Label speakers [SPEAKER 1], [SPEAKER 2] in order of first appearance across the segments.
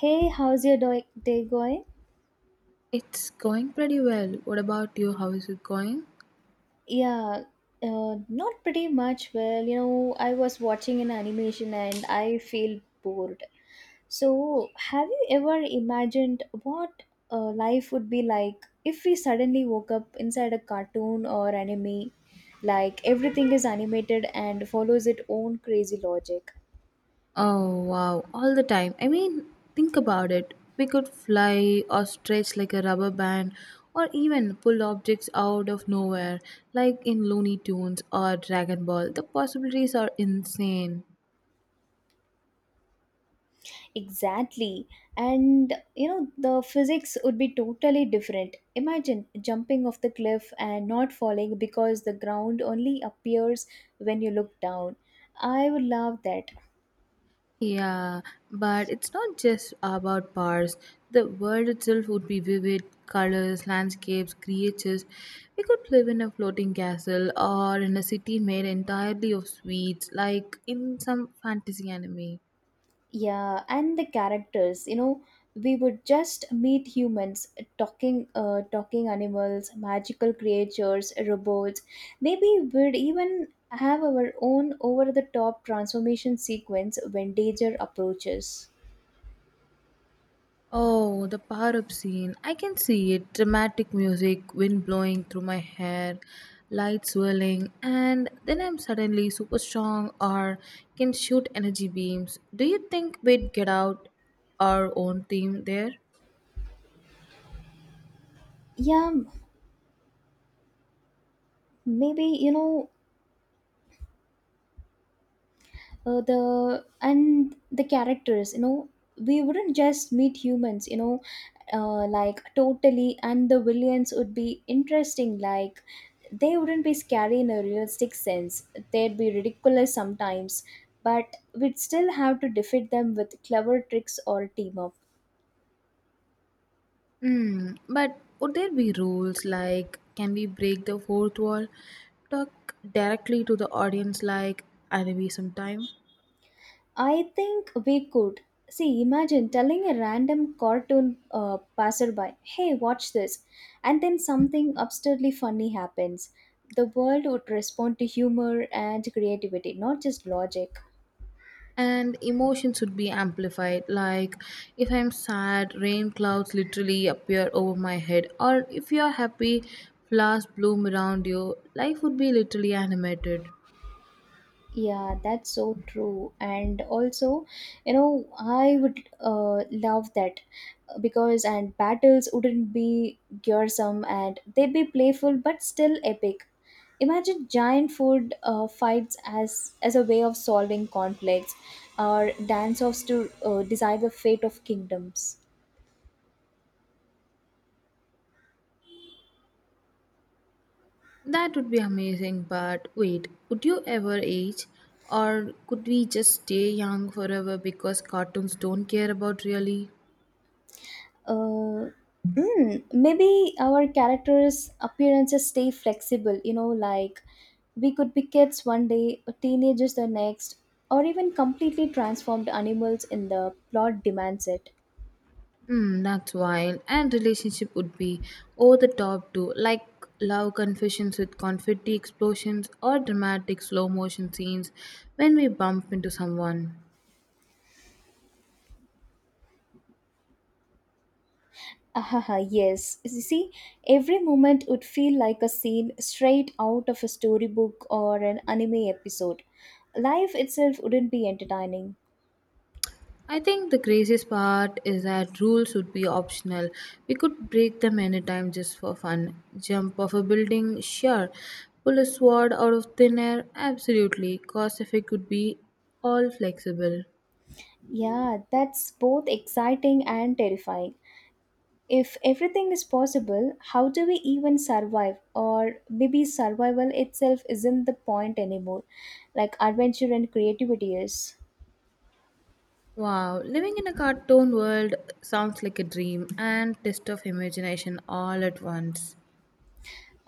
[SPEAKER 1] Hey, how's your day going?
[SPEAKER 2] It's going pretty well. What about you? How is it going?
[SPEAKER 1] Yeah, not pretty much. Well, I was watching an animation and I feel bored. So, have you ever imagined what life would be like if we suddenly woke up inside a cartoon or anime? Like everything is animated and follows its own crazy logic.
[SPEAKER 2] Oh, wow. All the time. I mean, think about it. We could fly or stretch like a rubber band or even pull objects out of nowhere, like in Looney Tunes or Dragon Ball. The possibilities are insane.
[SPEAKER 1] Exactly. And, the physics would be totally different. Imagine jumping off the cliff and not falling because the ground only appears when you look down. I would love that.
[SPEAKER 2] Yeah, but it's not just about bars. The world itself would be vivid colors, landscapes, creatures. We could live in a floating castle or in a city made entirely of sweets, like in some fantasy anime.
[SPEAKER 1] Yeah, and the characters, we would just meet humans, talking animals, magical creatures, robots. Maybe we'd even have our own over the top transformation sequence when danger approaches.
[SPEAKER 2] Oh, the power up scene. I can see it. Dramatic music, wind blowing through my hair, lights swirling, and then I'm suddenly super strong or can shoot energy beams. Do you think we'd get out our own team there?
[SPEAKER 1] Yeah, maybe, the characters, we wouldn't just meet humans, you know like totally and the villains would be interesting, like they wouldn't be scary in a realistic sense. They'd be ridiculous sometimes, but we'd still have to defeat them with clever tricks or team up.
[SPEAKER 2] Hmm, but would there be rules like can we break the fourth wall? Talk directly to the audience like anime sometime?
[SPEAKER 1] I think we could. See, imagine telling a random cartoon passerby, hey, watch this, and then something absurdly funny happens. The world would respond to humor and creativity, not just logic.
[SPEAKER 2] And emotions would be amplified, like if I'm sad, rain clouds literally appear over my head, or if you're happy, flowers bloom around you. Life would be literally animated.
[SPEAKER 1] Yeah, that's so true. And also, I would love that because and battles wouldn't be gruesome, and they'd be playful but still epic. Imagine giant food fights as a way of solving conflicts, or dance-offs to decide the fate of kingdoms.
[SPEAKER 2] That would be amazing, but wait, would you ever age, or could we just stay young forever because cartoons don't care about really.
[SPEAKER 1] Uh, Maybe our characters' appearances stay flexible. Like we could be kids one day, teenagers the next, or even completely transformed animals in the plot demands it.
[SPEAKER 2] Hmm, that's wild. And relationship would be over the top too, like love confessions with confetti explosions or dramatic slow motion scenes when we bump into someone.
[SPEAKER 1] Ahaha, yes. You see, every moment would feel like a scene straight out of a storybook or an anime episode. Life itself wouldn't be entertaining.
[SPEAKER 2] I think the craziest part is that rules would be optional. We could break them anytime just for fun. Jump off a building, sure. Pull a sword out of thin air, absolutely. Cause effect could be all flexible.
[SPEAKER 1] Yeah, that's both exciting and terrifying. If everything is possible, how do we even survive? Or maybe survival itself isn't the point anymore, like adventure and creativity is.
[SPEAKER 2] Wow, living in a cartoon world sounds like a dream and test of imagination all at once.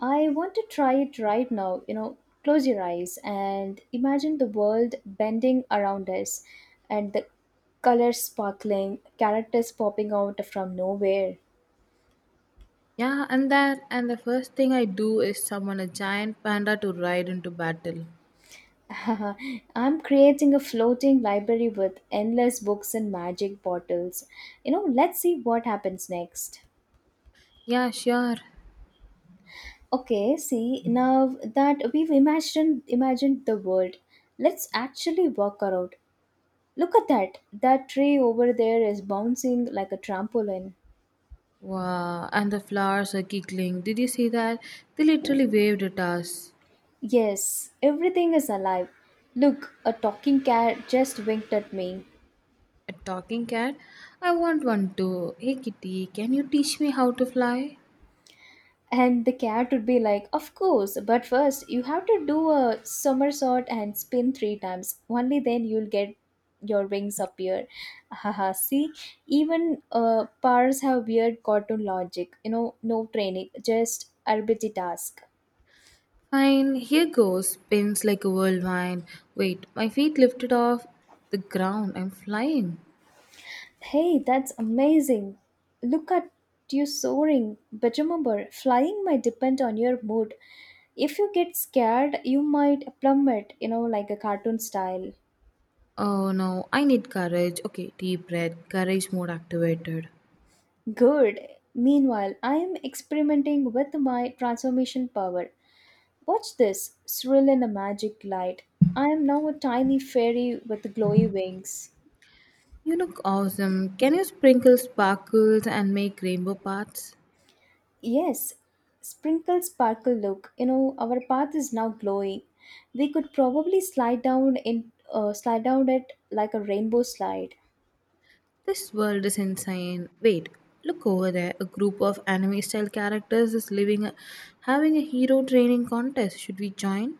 [SPEAKER 1] I want to try it right now. Close your eyes and imagine the world bending around us and the colors sparkling, characters popping out from nowhere.
[SPEAKER 2] Yeah, and that and the first thing I do is summon a giant panda to ride into battle.
[SPEAKER 1] I'm creating a floating library with endless books and magic bottles. Let's see what happens next.
[SPEAKER 2] Yeah, sure.
[SPEAKER 1] Okay, see, now that we've imagined the world, let's actually work around. Look at that. That tree over there is bouncing like a trampoline.
[SPEAKER 2] Wow, and the flowers are giggling. Did you see that? They literally waved at us.
[SPEAKER 1] Yes, everything is alive. Look, a talking cat just winked at me.
[SPEAKER 2] A talking cat? I want one too. Hey kitty, can you teach me how to fly?
[SPEAKER 1] And the cat would be like, Of course, but first you have to do a somersault and spin three times. Only then you'll get your wings appear. Haha, see, even powers have weird cartoon logic. No training, just arbitrary task.
[SPEAKER 2] Fine, here goes, pins like a whirlwind. Wait, my feet lifted off the ground. I'm flying.
[SPEAKER 1] Hey, that's amazing. Look at you soaring. But remember, flying might depend on your mood. If you get scared, you might plummet, like a cartoon style.
[SPEAKER 2] Oh no, I need courage. Okay, deep breath. Courage mode activated.
[SPEAKER 1] Good. Meanwhile, I am experimenting with my transformation power. Watch this, thrill in a magic light. I am now a tiny fairy with glowy wings.
[SPEAKER 2] You look awesome. Can you sprinkle sparkles and make rainbow paths?
[SPEAKER 1] Yes, sprinkle sparkle look. Our path is now glowing. We could probably slide down it like a rainbow slide.
[SPEAKER 2] This world is insane. Wait, look over there. A group of anime style characters is living a, having a hero training contest. Should we join?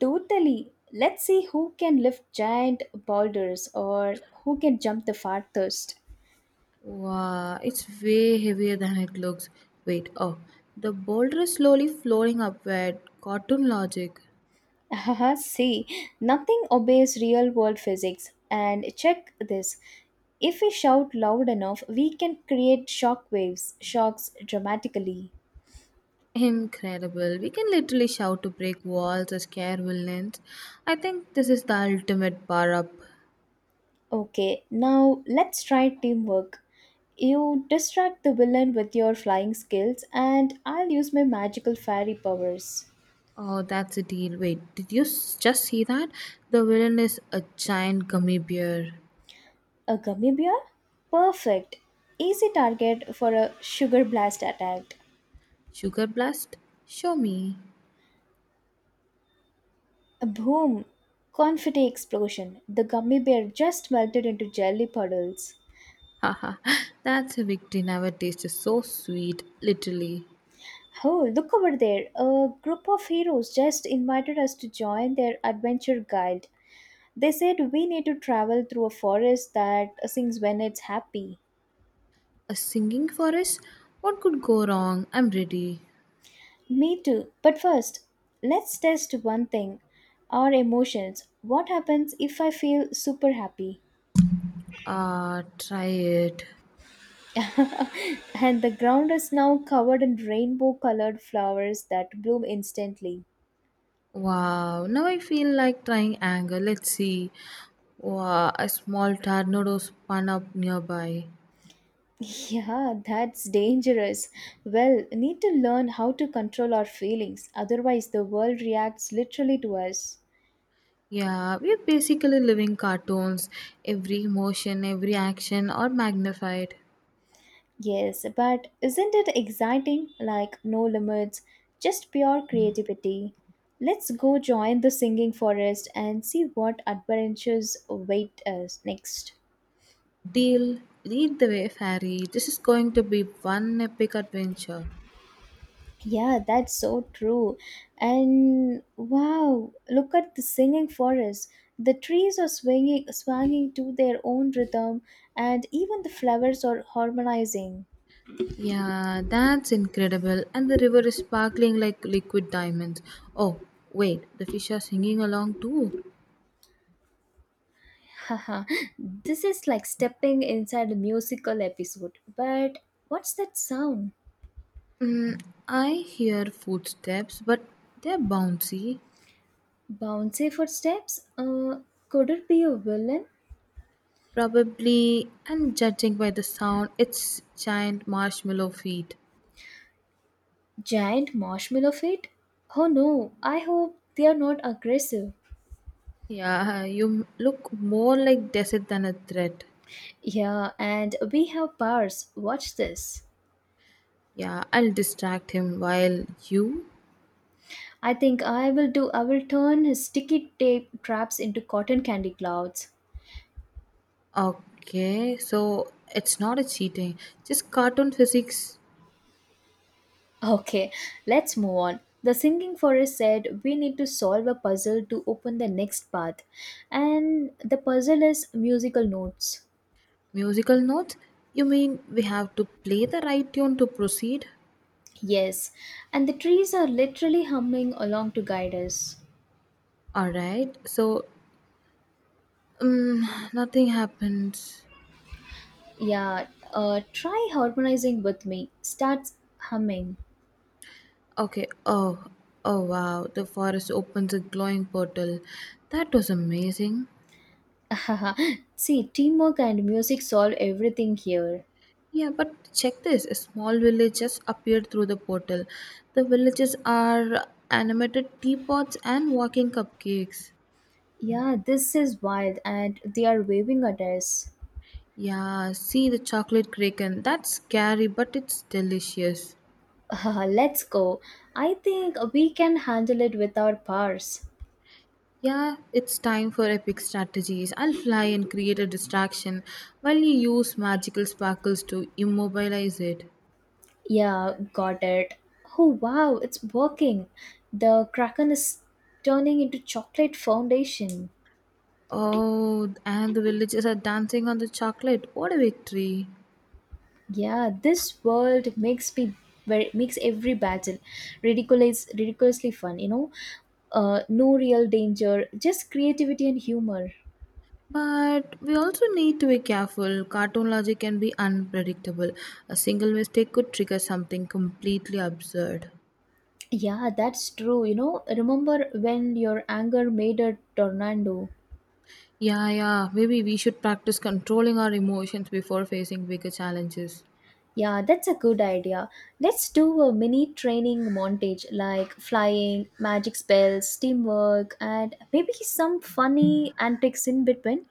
[SPEAKER 1] Totally. Let's see who can lift giant boulders or who can jump the farthest.
[SPEAKER 2] Wow, it's way heavier than it looks. Wait, oh, the boulder is slowly floating upward. Cartoon logic.
[SPEAKER 1] Haha, see, nothing obeys real world physics. And check this. If we shout loud enough, we can create shock waves, shocks dramatically.
[SPEAKER 2] Incredible. We can literally shout to break walls or scare villains. I think this is the ultimate bar up.
[SPEAKER 1] Okay, now let's try teamwork. You distract the villain with your flying skills, and I'll use my magical fairy powers.
[SPEAKER 2] Oh, that's a deal. Wait, did you just see that? The villain is a giant gummy bear.
[SPEAKER 1] A gummy bear? Perfect. Easy target for a sugar blast attack.
[SPEAKER 2] Sugar blast? Show me.
[SPEAKER 1] Boom! Confetti explosion. The gummy bear just melted into jelly puddles.
[SPEAKER 2] Haha, that's a victory never tasted so sweet, literally.
[SPEAKER 1] Oh, look over there. A group of heroes just invited us to join their adventure guild. They said we need to travel through a forest that sings when it's happy.
[SPEAKER 2] A singing for us? What could go wrong? I'm ready.
[SPEAKER 1] Me too. But first, let's test one thing, our emotions. What happens if I feel super happy?
[SPEAKER 2] Try it.
[SPEAKER 1] And the ground is now covered in rainbow colored flowers that bloom instantly.
[SPEAKER 2] Wow, now I feel like trying anger. Let's see. Wow, a small tornado spun up nearby.
[SPEAKER 1] Yeah, that's dangerous. Well, need to learn how to control our feelings, otherwise, the world reacts literally to us.
[SPEAKER 2] Yeah, we're basically living cartoons. Every emotion, every action are magnified.
[SPEAKER 1] Yes, but isn't it exciting? Like, no limits, just pure creativity. Let's go join the singing forest and see what adventures await us next.
[SPEAKER 2] Deal, lead the way, fairy. This is going to be one epic adventure.
[SPEAKER 1] Yeah, that's so true. And wow, look at the singing forest. The trees are swinging to their own rhythm, and even the flowers are harmonizing.
[SPEAKER 2] Yeah, that's incredible. And the river is sparkling like liquid diamonds. Oh, wait, the fish are singing along too.
[SPEAKER 1] Haha, this is like stepping inside a musical episode. But what's that sound?
[SPEAKER 2] Mm, I hear footsteps, but they're bouncy.
[SPEAKER 1] Bouncy footsteps? Could it be a villain?
[SPEAKER 2] Probably, and judging by the sound, it's giant marshmallow feet.
[SPEAKER 1] Giant marshmallow feet? Oh no, I hope they are not aggressive.
[SPEAKER 2] Yeah, you look more like desert than a threat.
[SPEAKER 1] Yeah, and we have powers. Watch this.
[SPEAKER 2] Yeah, I'll distract him while you.
[SPEAKER 1] I think I will turn his sticky tape traps into cotton candy clouds.
[SPEAKER 2] Okay, so it's not a cheating, just cartoon physics.
[SPEAKER 1] Okay, let's move on. The singing forest said, We need to solve a puzzle to open the next path. And the puzzle is musical notes.
[SPEAKER 2] Musical notes? You mean we have to play the right tune to proceed?
[SPEAKER 1] Yes, and the trees are literally humming along to guide us.
[SPEAKER 2] Alright, so nothing happens.
[SPEAKER 1] Yeah, try harmonizing with me. Start humming.
[SPEAKER 2] Okay, oh, oh wow, the forest opens a glowing portal. That was amazing.
[SPEAKER 1] See, teamwork and music solve everything here.
[SPEAKER 2] Yeah, but check this, a small village just appeared through the portal. The villages are animated teapots and walking cupcakes.
[SPEAKER 1] Yeah, this is wild, and they are waving at us.
[SPEAKER 2] Yeah, see the chocolate kraken. That's scary, but it's delicious.
[SPEAKER 1] Let's go. I think we can handle it with our powers.
[SPEAKER 2] Yeah, it's time for epic strategies. I'll fly and create a distraction while you use magical sparkles to immobilize it.
[SPEAKER 1] Yeah, got it. Oh wow, it's working. The Kraken is turning into chocolate foundation.
[SPEAKER 2] Oh, and the villagers are dancing on the chocolate. What a victory!
[SPEAKER 1] Yeah, this world makes me very makes every battle ridiculously fun. No real danger, just creativity and humor.
[SPEAKER 2] But we also need to be careful. Cartoon logic can be unpredictable. A single mistake could trigger something completely absurd.
[SPEAKER 1] Yeah, that's true. Remember when your anger made a tornado?
[SPEAKER 2] Yeah, yeah, maybe we should practice controlling our emotions before facing bigger challenges.
[SPEAKER 1] Yeah, that's a good idea. Let's do a mini training montage like flying, magic spells, teamwork, and maybe some funny antics in between.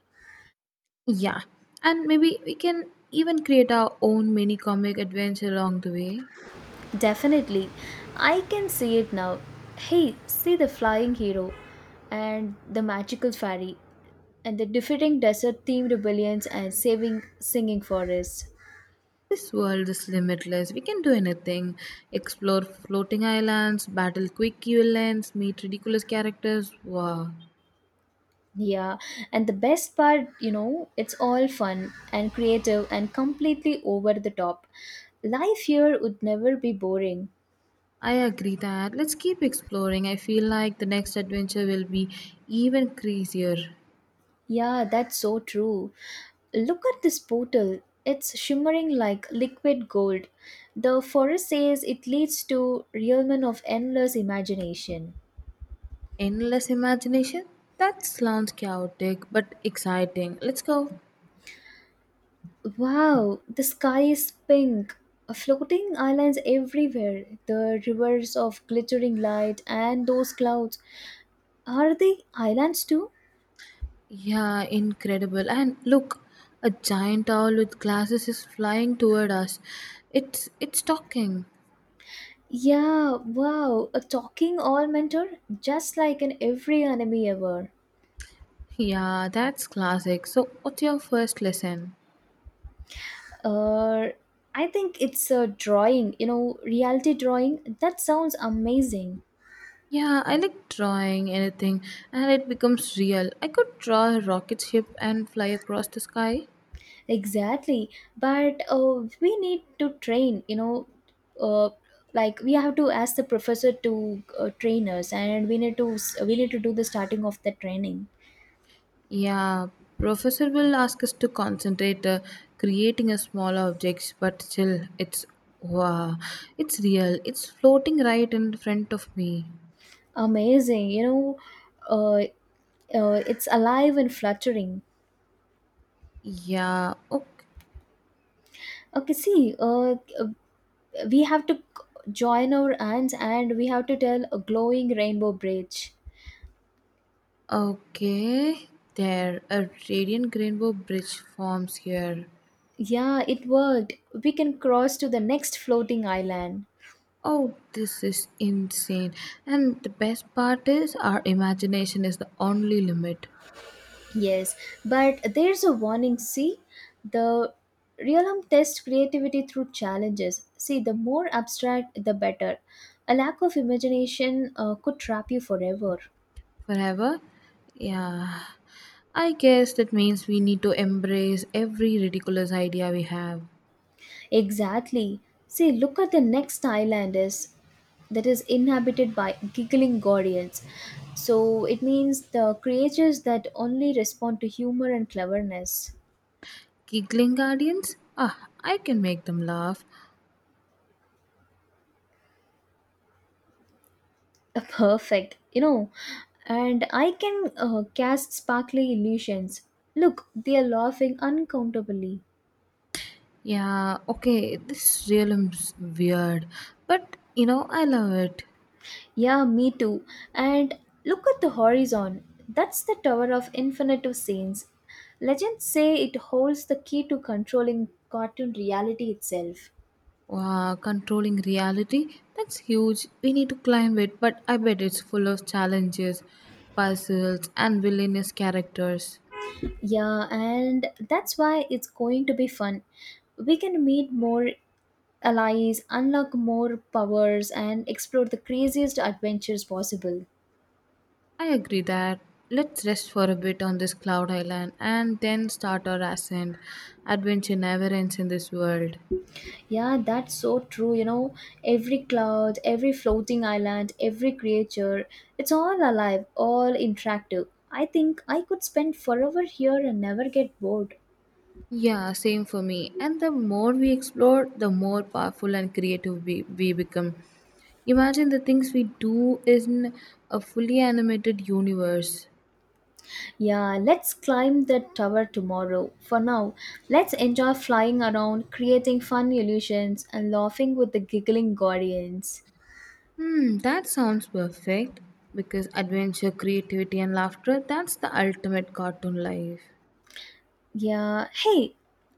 [SPEAKER 2] Yeah, and maybe we can even create our own mini comic adventure along the way.
[SPEAKER 1] Definitely. I can see it now. Hey, see the flying hero and the magical fairy and the defeating desert themed rebellions and saving singing forests.
[SPEAKER 2] This world is limitless. We can do anything, explore floating islands, battle quick villains, meet ridiculous characters. Wow.
[SPEAKER 1] Yeah, and the best part, it's all fun and creative and completely over the top. Life here would never be boring.
[SPEAKER 2] I agree that. Let's keep exploring. I feel like the next adventure will be even crazier.
[SPEAKER 1] Yeah, that's so true. Look at this portal. It's shimmering like liquid gold. The forest says it leads to realm of endless imagination.
[SPEAKER 2] Endless imagination? That sounds chaotic but exciting. Let's go.
[SPEAKER 1] Wow, the sky is pink. Floating islands everywhere, the rivers of glittering light, and those clouds. Are they islands too?
[SPEAKER 2] Yeah, incredible. And look, a giant owl with glasses is flying toward us. It's talking.
[SPEAKER 1] Yeah, wow, a talking all mentor, just like in every anime ever.
[SPEAKER 2] Yeah, that's classic. So, what's your first lesson?
[SPEAKER 1] Uh, I think it's a drawing, reality drawing. That sounds amazing.
[SPEAKER 2] Yeah, I like drawing anything and it becomes real. I could draw a rocket ship and fly across the sky.
[SPEAKER 1] Exactly, but we need to train, uh, like we have to ask the professor to train us, and we need to do the starting of the training.
[SPEAKER 2] Yeah, professor will ask us to concentrate creating a small objects, but still it's wow, it's real. It's floating right in front of me.
[SPEAKER 1] Amazinguh, it's alive and fluttering.
[SPEAKER 2] Yeah, okay.
[SPEAKER 1] Okay, see, we have to join our hands and we have to tell a glowing rainbow bridge.
[SPEAKER 2] Okay. There, a radiant rainbow bridge forms here.
[SPEAKER 1] Yeah, it worked. We can cross to the next floating island.
[SPEAKER 2] Oh, this is insane. And the best part is our imagination is the only limit.
[SPEAKER 1] Yes, but there's a warning. See, the realm tests creativity through challenges. See, the more abstract, the better. A lack of imagination could trap you forever.
[SPEAKER 2] Forever? Yeah. I guess that means we need to embrace every ridiculous idea we have.
[SPEAKER 1] Exactly. See, look at the next island is that is inhabited by giggling guardians. So it means the creatures that only respond to humor and cleverness.
[SPEAKER 2] Giggling guardians? Ah, I can make them laugh.
[SPEAKER 1] Perfect. And I can cast sparkly illusions. Look, they are laughing uncountably.
[SPEAKER 2] Yeah, okay, this realm's weird. But, you know, I love it.
[SPEAKER 1] Yeah, me too. And look at the horizon. That's the Tower of Infinite of Saints. Legends say it holds the key to controlling cartoon reality itself.
[SPEAKER 2] Wow, controlling reality? That's huge. We need to climb it, but I bet it's full of challenges, puzzles, and villainous characters.
[SPEAKER 1] Yeah, and that's why it's going to be fun. We can meet more allies, unlock more powers, and explore the craziest adventures possible.
[SPEAKER 2] I agree that. Let's rest for a bit on this cloud island and then start our ascent. Adventure never ends in this world.
[SPEAKER 1] Yeah, that's so true. Every cloud, every floating island, every creature, it's all alive, all interactive. I think I could spend forever here and never get bored.
[SPEAKER 2] Yeah, same for me. And the more we explore, the more powerful and creative we become. Imagine the things we do in a fully animated universe.
[SPEAKER 1] Yeah, let's climb the tower tomorrow. For now, let's enjoy flying around, creating fun illusions, and laughing with the giggling guardians.
[SPEAKER 2] Hmm, that sounds perfect because adventure, creativity, and laughter, that's the ultimate cartoon life.
[SPEAKER 1] Yeah, hey,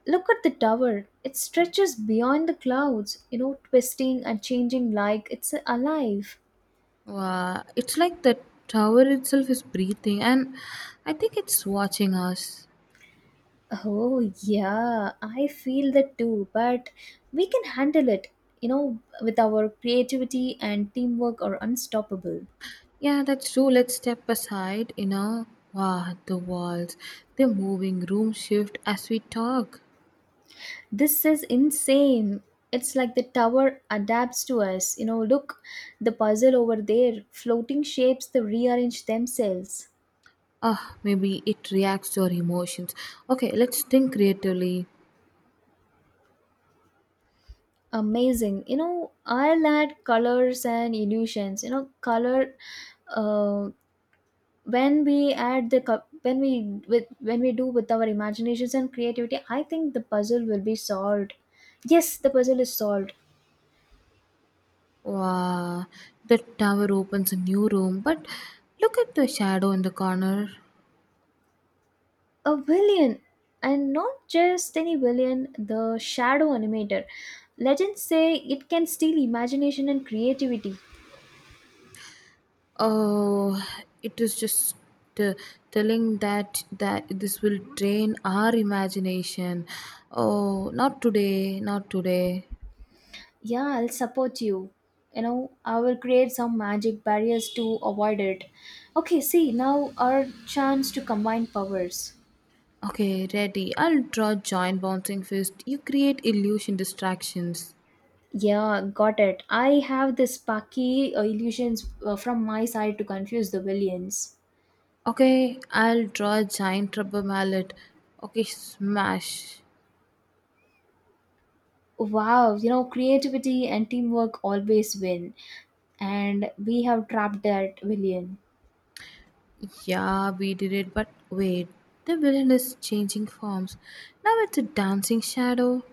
[SPEAKER 1] look at the tower. It stretches beyond the clouds, twisting and changing like it's alive.
[SPEAKER 2] Wow, it's like the tower itself is breathing, and I think it's watching us.
[SPEAKER 1] Oh, yeah, I feel that too, but we can handle it, with our creativity and teamwork are unstoppable.
[SPEAKER 2] Yeah, that's true. Let's step aside, you know. Wow, the walls, they're moving, room shift as we talk.
[SPEAKER 1] This is insane. It's like the tower adapts to us. Look, the puzzle over there, floating shapes, they rearrange themselves.
[SPEAKER 2] Ah, maybe it reacts to our emotions. Okay, let's think creatively.
[SPEAKER 1] Amazing. I'll add colors and illusions. You know, color uh, when we add the co- when we do with our imaginations and creativity, I think the puzzle will be solved. Yes, the puzzle is solved.
[SPEAKER 2] Wow, the tower opens a new room, but look at the shadow in the corner.
[SPEAKER 1] A villain. And not just any villain, the shadow animator. Legends say it can steal imagination and creativity.
[SPEAKER 2] Oh, it is just uh, telling that this will drain our imagination. Oh, not today, not today.
[SPEAKER 1] Yeah, I'll support you. You know I will create some magic barriers to avoid it. Okay, see, now our chance to combine powers.
[SPEAKER 2] Okay, ready. I'll draw giant bouncing fist. You create illusion distractions.
[SPEAKER 1] Yeah, got it. I have the sparky illusions from my side to confuse the villains.
[SPEAKER 2] Okay, I'll draw a giant rubber mallet. Okay, smash.
[SPEAKER 1] Wow, creativity and teamwork always win, and we have trapped that villain.
[SPEAKER 2] Yeah, we did it, but wait, the villain is changing forms. Now it's a dancing shadow.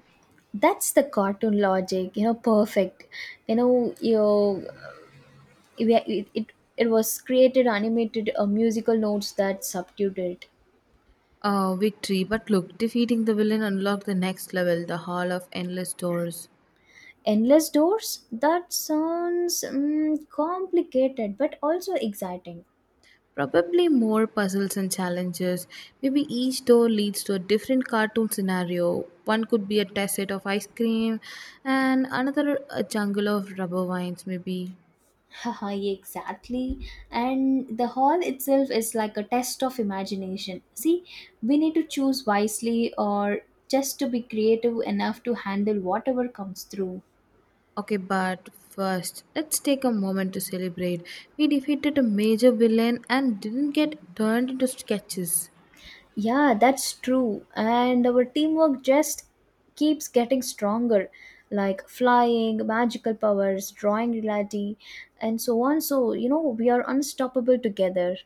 [SPEAKER 1] That's the cartoon logic, perfect. You know, you, it, it, it was created, animated, musical notes that subdued it.
[SPEAKER 2] Victory, but look, defeating the villain unlocked the next level, the Hall of Endless Doors.
[SPEAKER 1] Endless doors? That sounds complicated but also exciting.
[SPEAKER 2] Probably more puzzles and challenges. Maybe each door leads to a different cartoon scenario. One could be a test set of ice cream, and another a jungle of rubber vines, maybe.
[SPEAKER 1] Haha, exactly. And the hall itself is like a test of imagination. See, we need to choose wisely or just to be creative enough to handle whatever comes through.
[SPEAKER 2] Okay, but first, let's take a moment to celebrate. We defeated a major villain and didn't get turned into sketches.
[SPEAKER 1] Yeah, that's true. And our teamwork just keeps getting stronger, like flying, magical powers, drawing reality, and so on. So, you know, we are unstoppable together.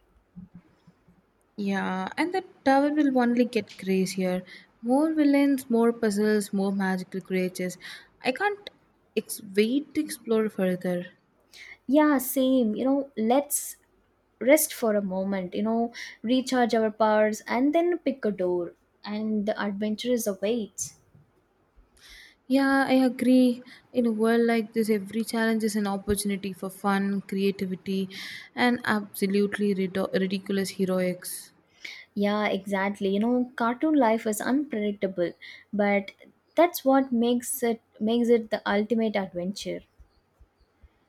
[SPEAKER 2] Yeah, and the tower will only get crazier. More villains, more puzzles, more magical creatures. I can't wait to explore further.
[SPEAKER 1] Yeah, same. Let's rest for a moment, recharge our powers, and then pick a door. And the adventure is awaits.
[SPEAKER 2] Yeah, I agree. In a world like this, every challenge is an opportunity for fun, creativity, and absolutely ridiculous heroics.
[SPEAKER 1] Yeah, exactly. You know, cartoon life is unpredictable, but that's what makes it the ultimate adventure.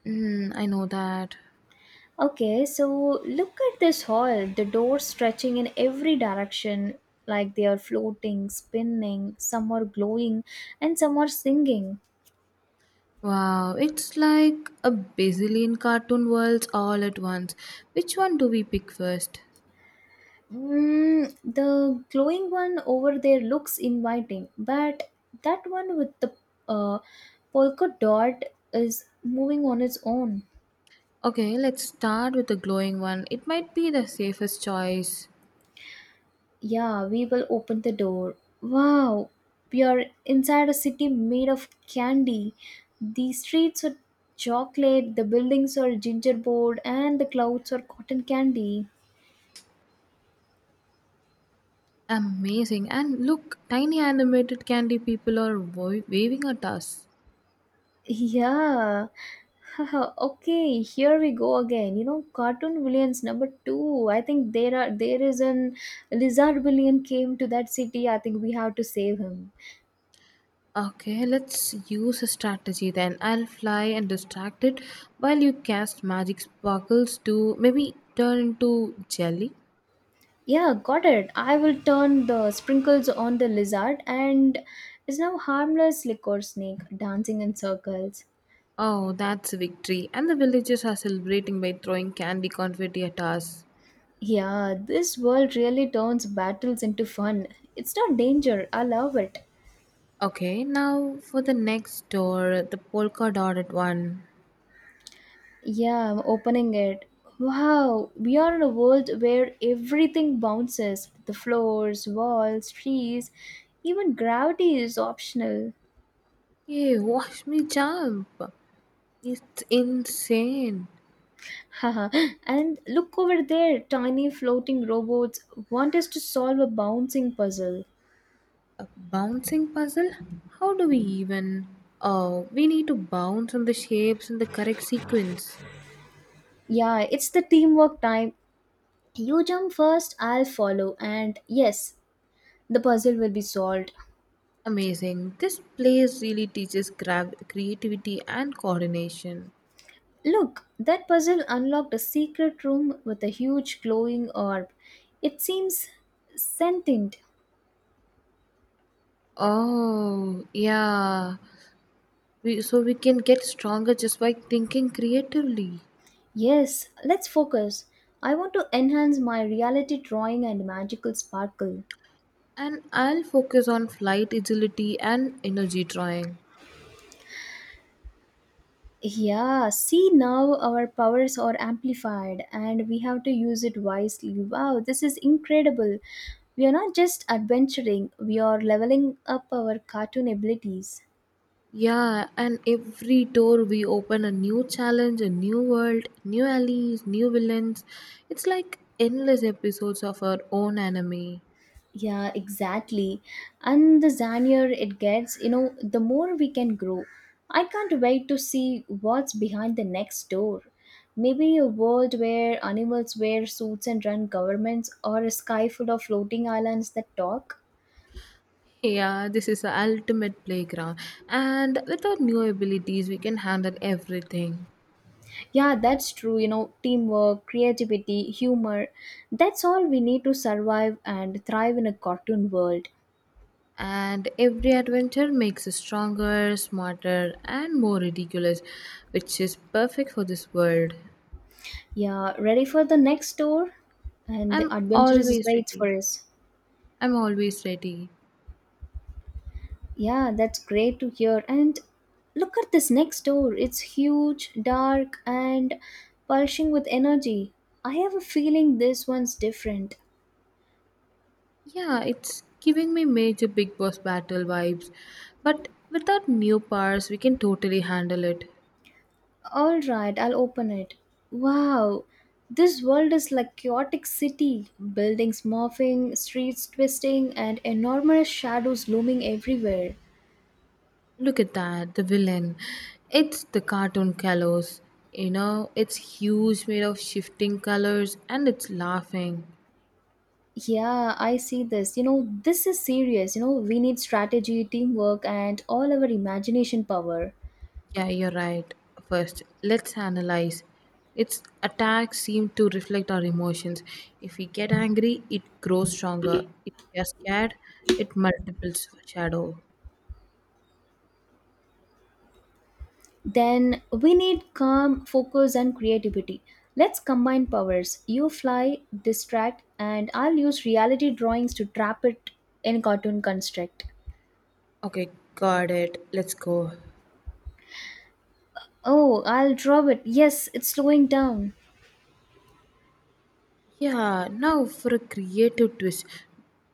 [SPEAKER 2] Mm, I know that.
[SPEAKER 1] Okay, so look at this hall. The doors stretching in every direction, like they are floating, spinning, some are glowing, and some are singing.
[SPEAKER 2] Wow, it's like a bazillion cartoon worlds all at once. Which one do we pick first?
[SPEAKER 1] Mm, the glowing one over there looks inviting, but that one with the uh, polka dot is moving on its own.
[SPEAKER 2] Okay, let's start with the glowing one. It might be the safest choice.
[SPEAKER 1] Yeah, we will open the door. Wow, we are inside a city made of candy. The streets are chocolate, the buildings are gingerbread, and the clouds are cotton candy.
[SPEAKER 2] Amazing. And look, tiny animated candy people are waving at us.
[SPEAKER 1] Yeah. Okay, here we go again. You know, cartoon villains number two. I think there is an lizard villain came to that city. I think we have to save him.
[SPEAKER 2] Okay, let's use a strategy then. I'll fly and distract it while you cast magic sparkles to maybe turn into jelly.
[SPEAKER 1] Yeah, got it. I will turn the sprinkles on the lizard and is now harmless liquor snake dancing in circles.
[SPEAKER 2] Oh, that's a victory. And the villagers are celebrating by throwing candy confetti at us.
[SPEAKER 1] Yeah, this world really turns battles into fun. It's not danger. I love it.
[SPEAKER 2] Okay, now for the next door, the polka dotted one.
[SPEAKER 1] Yeah, I'm opening it. Wow, we are in a world where everything bounces the floors, walls, trees, even gravity is optional.
[SPEAKER 2] Hey, watch me jump! It's insane!
[SPEAKER 1] Haha, and look over there tiny floating robots want us to solve a bouncing puzzle.
[SPEAKER 2] A bouncing puzzle? How do we even? Oh, we need to bounce on the shapes in the correct sequence.
[SPEAKER 1] Yeah, it's the teamwork time. You jump first, I'll follow, and yes, the puzzle will be solved.
[SPEAKER 2] Amazing. This place really teaches creativity and coordination.
[SPEAKER 1] Look, that puzzle unlocked a secret room with a huge glowing orb. It seems sentient.
[SPEAKER 2] Oh, yeah. We, so we can get stronger just by thinking creatively.
[SPEAKER 1] Yes, let's focus. I want to enhance my reality drawing and magical sparkle.
[SPEAKER 2] And I'll focus on flight agility and energy drawing.
[SPEAKER 1] Yeah, see now our powers are amplified and we have to use it wisely. Wow, this is incredible. We are not just adventuring, we are leveling up our cartoon abilities.
[SPEAKER 2] Yeah, and every door we open a new challenge, a new world, new alleys, new villains. It's like endless episodes of our own anime.
[SPEAKER 1] Yeah, exactly. And the zanier it gets, you know, the more we can grow. I can't wait to see what's behind the next door. Maybe a world where animals wear suits and run governments, or a sky full of floating islands that talk.
[SPEAKER 2] Yeah, this is the ultimate playground. And with our new abilities, we can handle everything.
[SPEAKER 1] Yeah, that's true. You know, teamwork, creativity, humor. That's all we need to survive and thrive in a cartoon world.
[SPEAKER 2] And every adventure makes us stronger, smarter, and more ridiculous, which is perfect for this world.
[SPEAKER 1] Yeah, ready for the next door? And the
[SPEAKER 2] I'm
[SPEAKER 1] adventure is
[SPEAKER 2] always
[SPEAKER 1] wait
[SPEAKER 2] ready.
[SPEAKER 1] for us.
[SPEAKER 2] I'm always ready.
[SPEAKER 1] Yeah, that's great to hear. And look at this next door. It's huge, dark, and pulsing with energy. I have a feeling this one's different.
[SPEAKER 2] Yeah, it's giving me major Big Boss battle vibes, but without new powers, we can totally handle it.
[SPEAKER 1] All right, I'll open it. Wow, this world is like chaotic city. Buildings morphing, streets twisting, and enormous shadows looming everywhere.
[SPEAKER 2] Look at that, the villain. It's the cartoon Kalos. You know, it's huge, made of shifting colors, and it's laughing.
[SPEAKER 1] Yeah, I see this. You know, this is serious. You know, we need strategy, teamwork, and all our imagination power.
[SPEAKER 2] Yeah, you're right. First, let's analyze. Its attacks seem to reflect our emotions. If we get angry, it grows stronger. If we are scared, it multiples shadow.
[SPEAKER 1] Then we need calm, focus, and creativity. Let's combine powers. You fly, distract, and I'll use reality drawings to trap it in cartoon construct.
[SPEAKER 2] Okay, got it. Let's go.
[SPEAKER 1] Oh, I'll draw it. Yes, it's slowing down.
[SPEAKER 2] Yeah, now for a creative twist.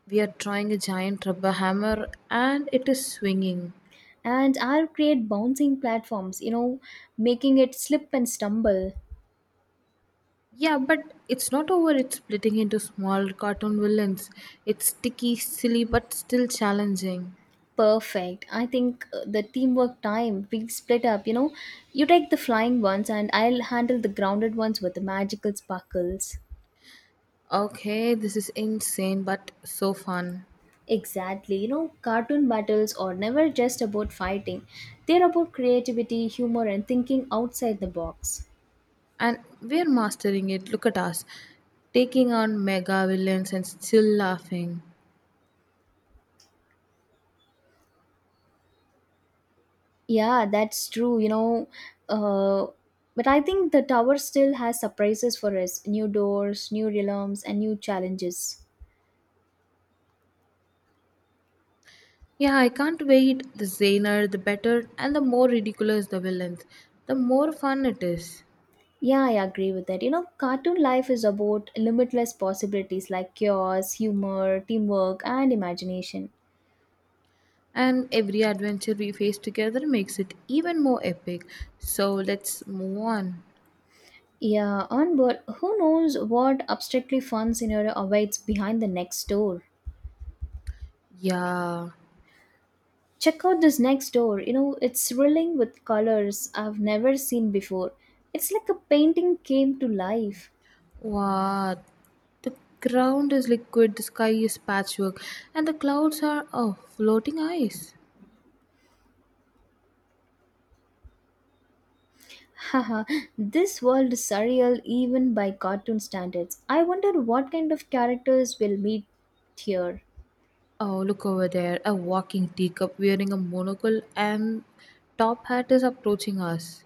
[SPEAKER 2] We are drawing a giant rubber hammer and it is swinging.
[SPEAKER 1] And I'll create bouncing platforms, you know, making it slip and stumble.
[SPEAKER 2] Yeah, but it's not over. It's splitting into small cartoon villains. It's sticky, silly, but still challenging.
[SPEAKER 1] Perfect. I think the teamwork time, we split up, you know. You take the flying ones, and I'll handle the grounded ones with the magical sparkles.
[SPEAKER 2] Okay, this is insane but so fun.
[SPEAKER 1] Exactly. You know, cartoon battles are never just about fighting, they're about creativity, humor, and thinking outside the box.
[SPEAKER 2] And we're mastering it. Look at us. Taking on mega villains and still laughing.
[SPEAKER 1] Yeah, that's true. Uh, but I think the tower still has surprises for us new doors, new realms, and new challenges.
[SPEAKER 2] Yeah, I can't wait. The zaner, the better, and the more ridiculous the villains, the more fun it is.
[SPEAKER 1] Yeah, I agree with that. You know, cartoon life is about limitless possibilities like chaos, humor, teamwork, and imagination.
[SPEAKER 2] And every adventure we face together makes it even more epic. So let's move on.
[SPEAKER 1] Yeah, and but who knows what abstractly fun scenario awaits behind the next door?
[SPEAKER 2] Yeah.
[SPEAKER 1] Check out this next door. You know, it's thrilling with colors I've never seen before. It's like a painting came to life.
[SPEAKER 2] What? The ground is liquid, the sky is patchwork, and the clouds are oh, floating ice.
[SPEAKER 1] Haha, this world is surreal even by cartoon standards. I wonder what kind of characters we'll meet here.
[SPEAKER 2] Oh, look over there, a walking teacup wearing a monocle and top hat is approaching us.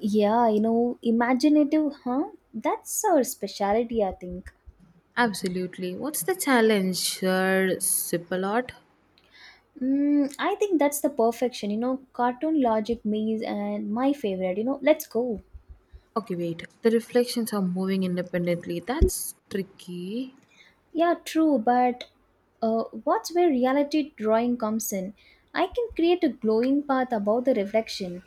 [SPEAKER 1] Yeah, you know, imaginative, huh? That's our specialty, I think.
[SPEAKER 2] Absolutely. What's the challenge, Sir Sipalot?
[SPEAKER 1] Mm, I think that's the perfection, you know, cartoon logic maze and my favorite, you know, let's go.
[SPEAKER 2] Okay, wait. The reflections are moving independently. That's tricky.
[SPEAKER 1] Yeah, true, but what's where reality drawing comes in? I can create a glowing path above the reflection.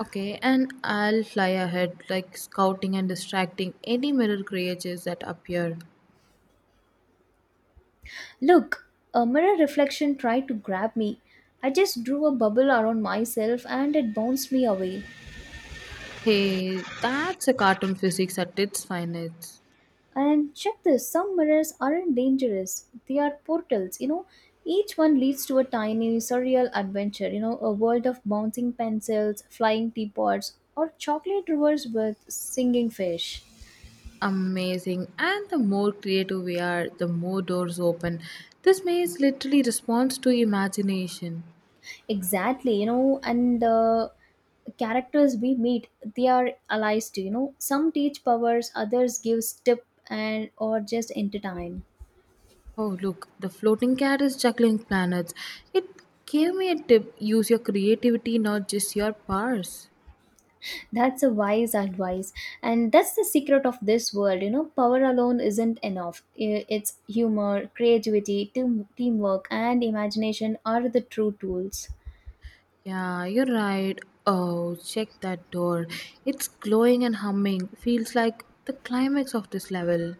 [SPEAKER 2] Okay, and I'll fly ahead, like scouting and distracting any mirror creatures that appear.
[SPEAKER 1] Look, a mirror reflection tried to grab me. I just drew a bubble around myself and it bounced me away.
[SPEAKER 2] Hey, that's a cartoon physics at its finest.
[SPEAKER 1] And check this some mirrors aren't dangerous, they are portals, you know. Each one leads to a tiny, surreal adventure, you know, a world of bouncing pencils, flying teapots, or chocolate rivers with singing fish.
[SPEAKER 2] Amazing. And the more creative we are, the more doors open. This maze literally responds to imagination.
[SPEAKER 1] Exactly, and characters we meet, they are allies too, you know. Some teach powers, others gives tip and or just entertain.
[SPEAKER 2] Oh, look, the floating cat is juggling planets. It gave me a tip, use your creativity, not just your powers.
[SPEAKER 1] That's a wise advice. And that's the secret of this world, you know. Power alone isn't enough. I- It's humor, creativity, teamwork and imagination are the true tools.
[SPEAKER 2] Yeah, you're right. Oh, check that door. It's glowing and humming. Feels like the climax of this level.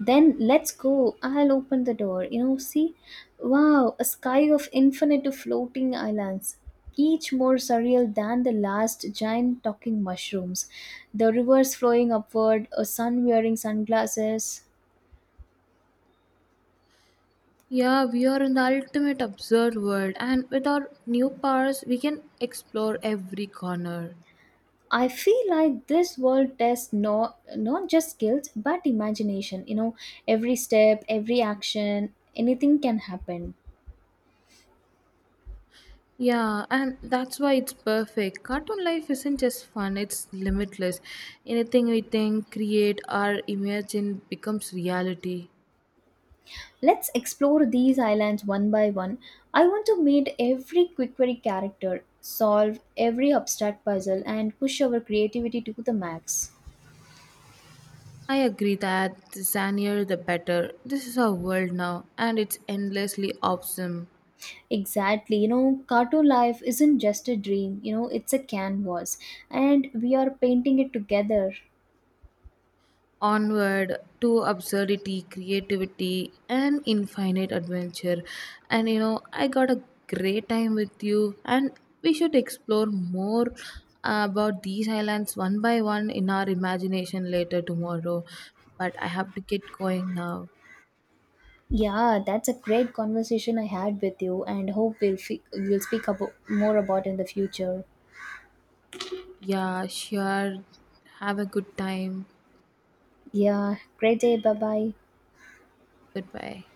[SPEAKER 1] Then let's go. I'll open the door. You know, see? Wow, a sky of infinite floating islands, each more surreal than the last giant talking mushrooms. The rivers flowing upward, a sun wearing sunglasses.
[SPEAKER 2] Yeah, we are in the ultimate absurd world, and with our new powers, we can explore every corner.
[SPEAKER 1] I feel like this world tests not just skills but imagination. You know, every step, every action, anything can happen.
[SPEAKER 2] Yeah, and that's why it's perfect. Cartoon life isn't just fun, it's limitless. Anything we think, create, or imagine becomes reality.
[SPEAKER 1] Let's explore these islands one by one. I want to meet every Quickery character, solve every abstract puzzle, and push our creativity to the max.
[SPEAKER 2] I agree that the zanier the better. This is our world now, and it's endlessly awesome.
[SPEAKER 1] Exactly, you know, cartoon life isn't just a dream, you know, it's a canvas, and we are painting it together.
[SPEAKER 2] Onward to absurdity, creativity, and infinite adventure. And you know, I got a great time with you, and we should explore more about these islands one by one in our imagination later tomorrow. But I have to get going now.
[SPEAKER 1] Yeah, that's a great conversation I had with you, and hope we'll speak more about in the future.
[SPEAKER 2] Yeah, sure. Have a good time.
[SPEAKER 1] Yeah, great day, bye bye.
[SPEAKER 2] Goodbye.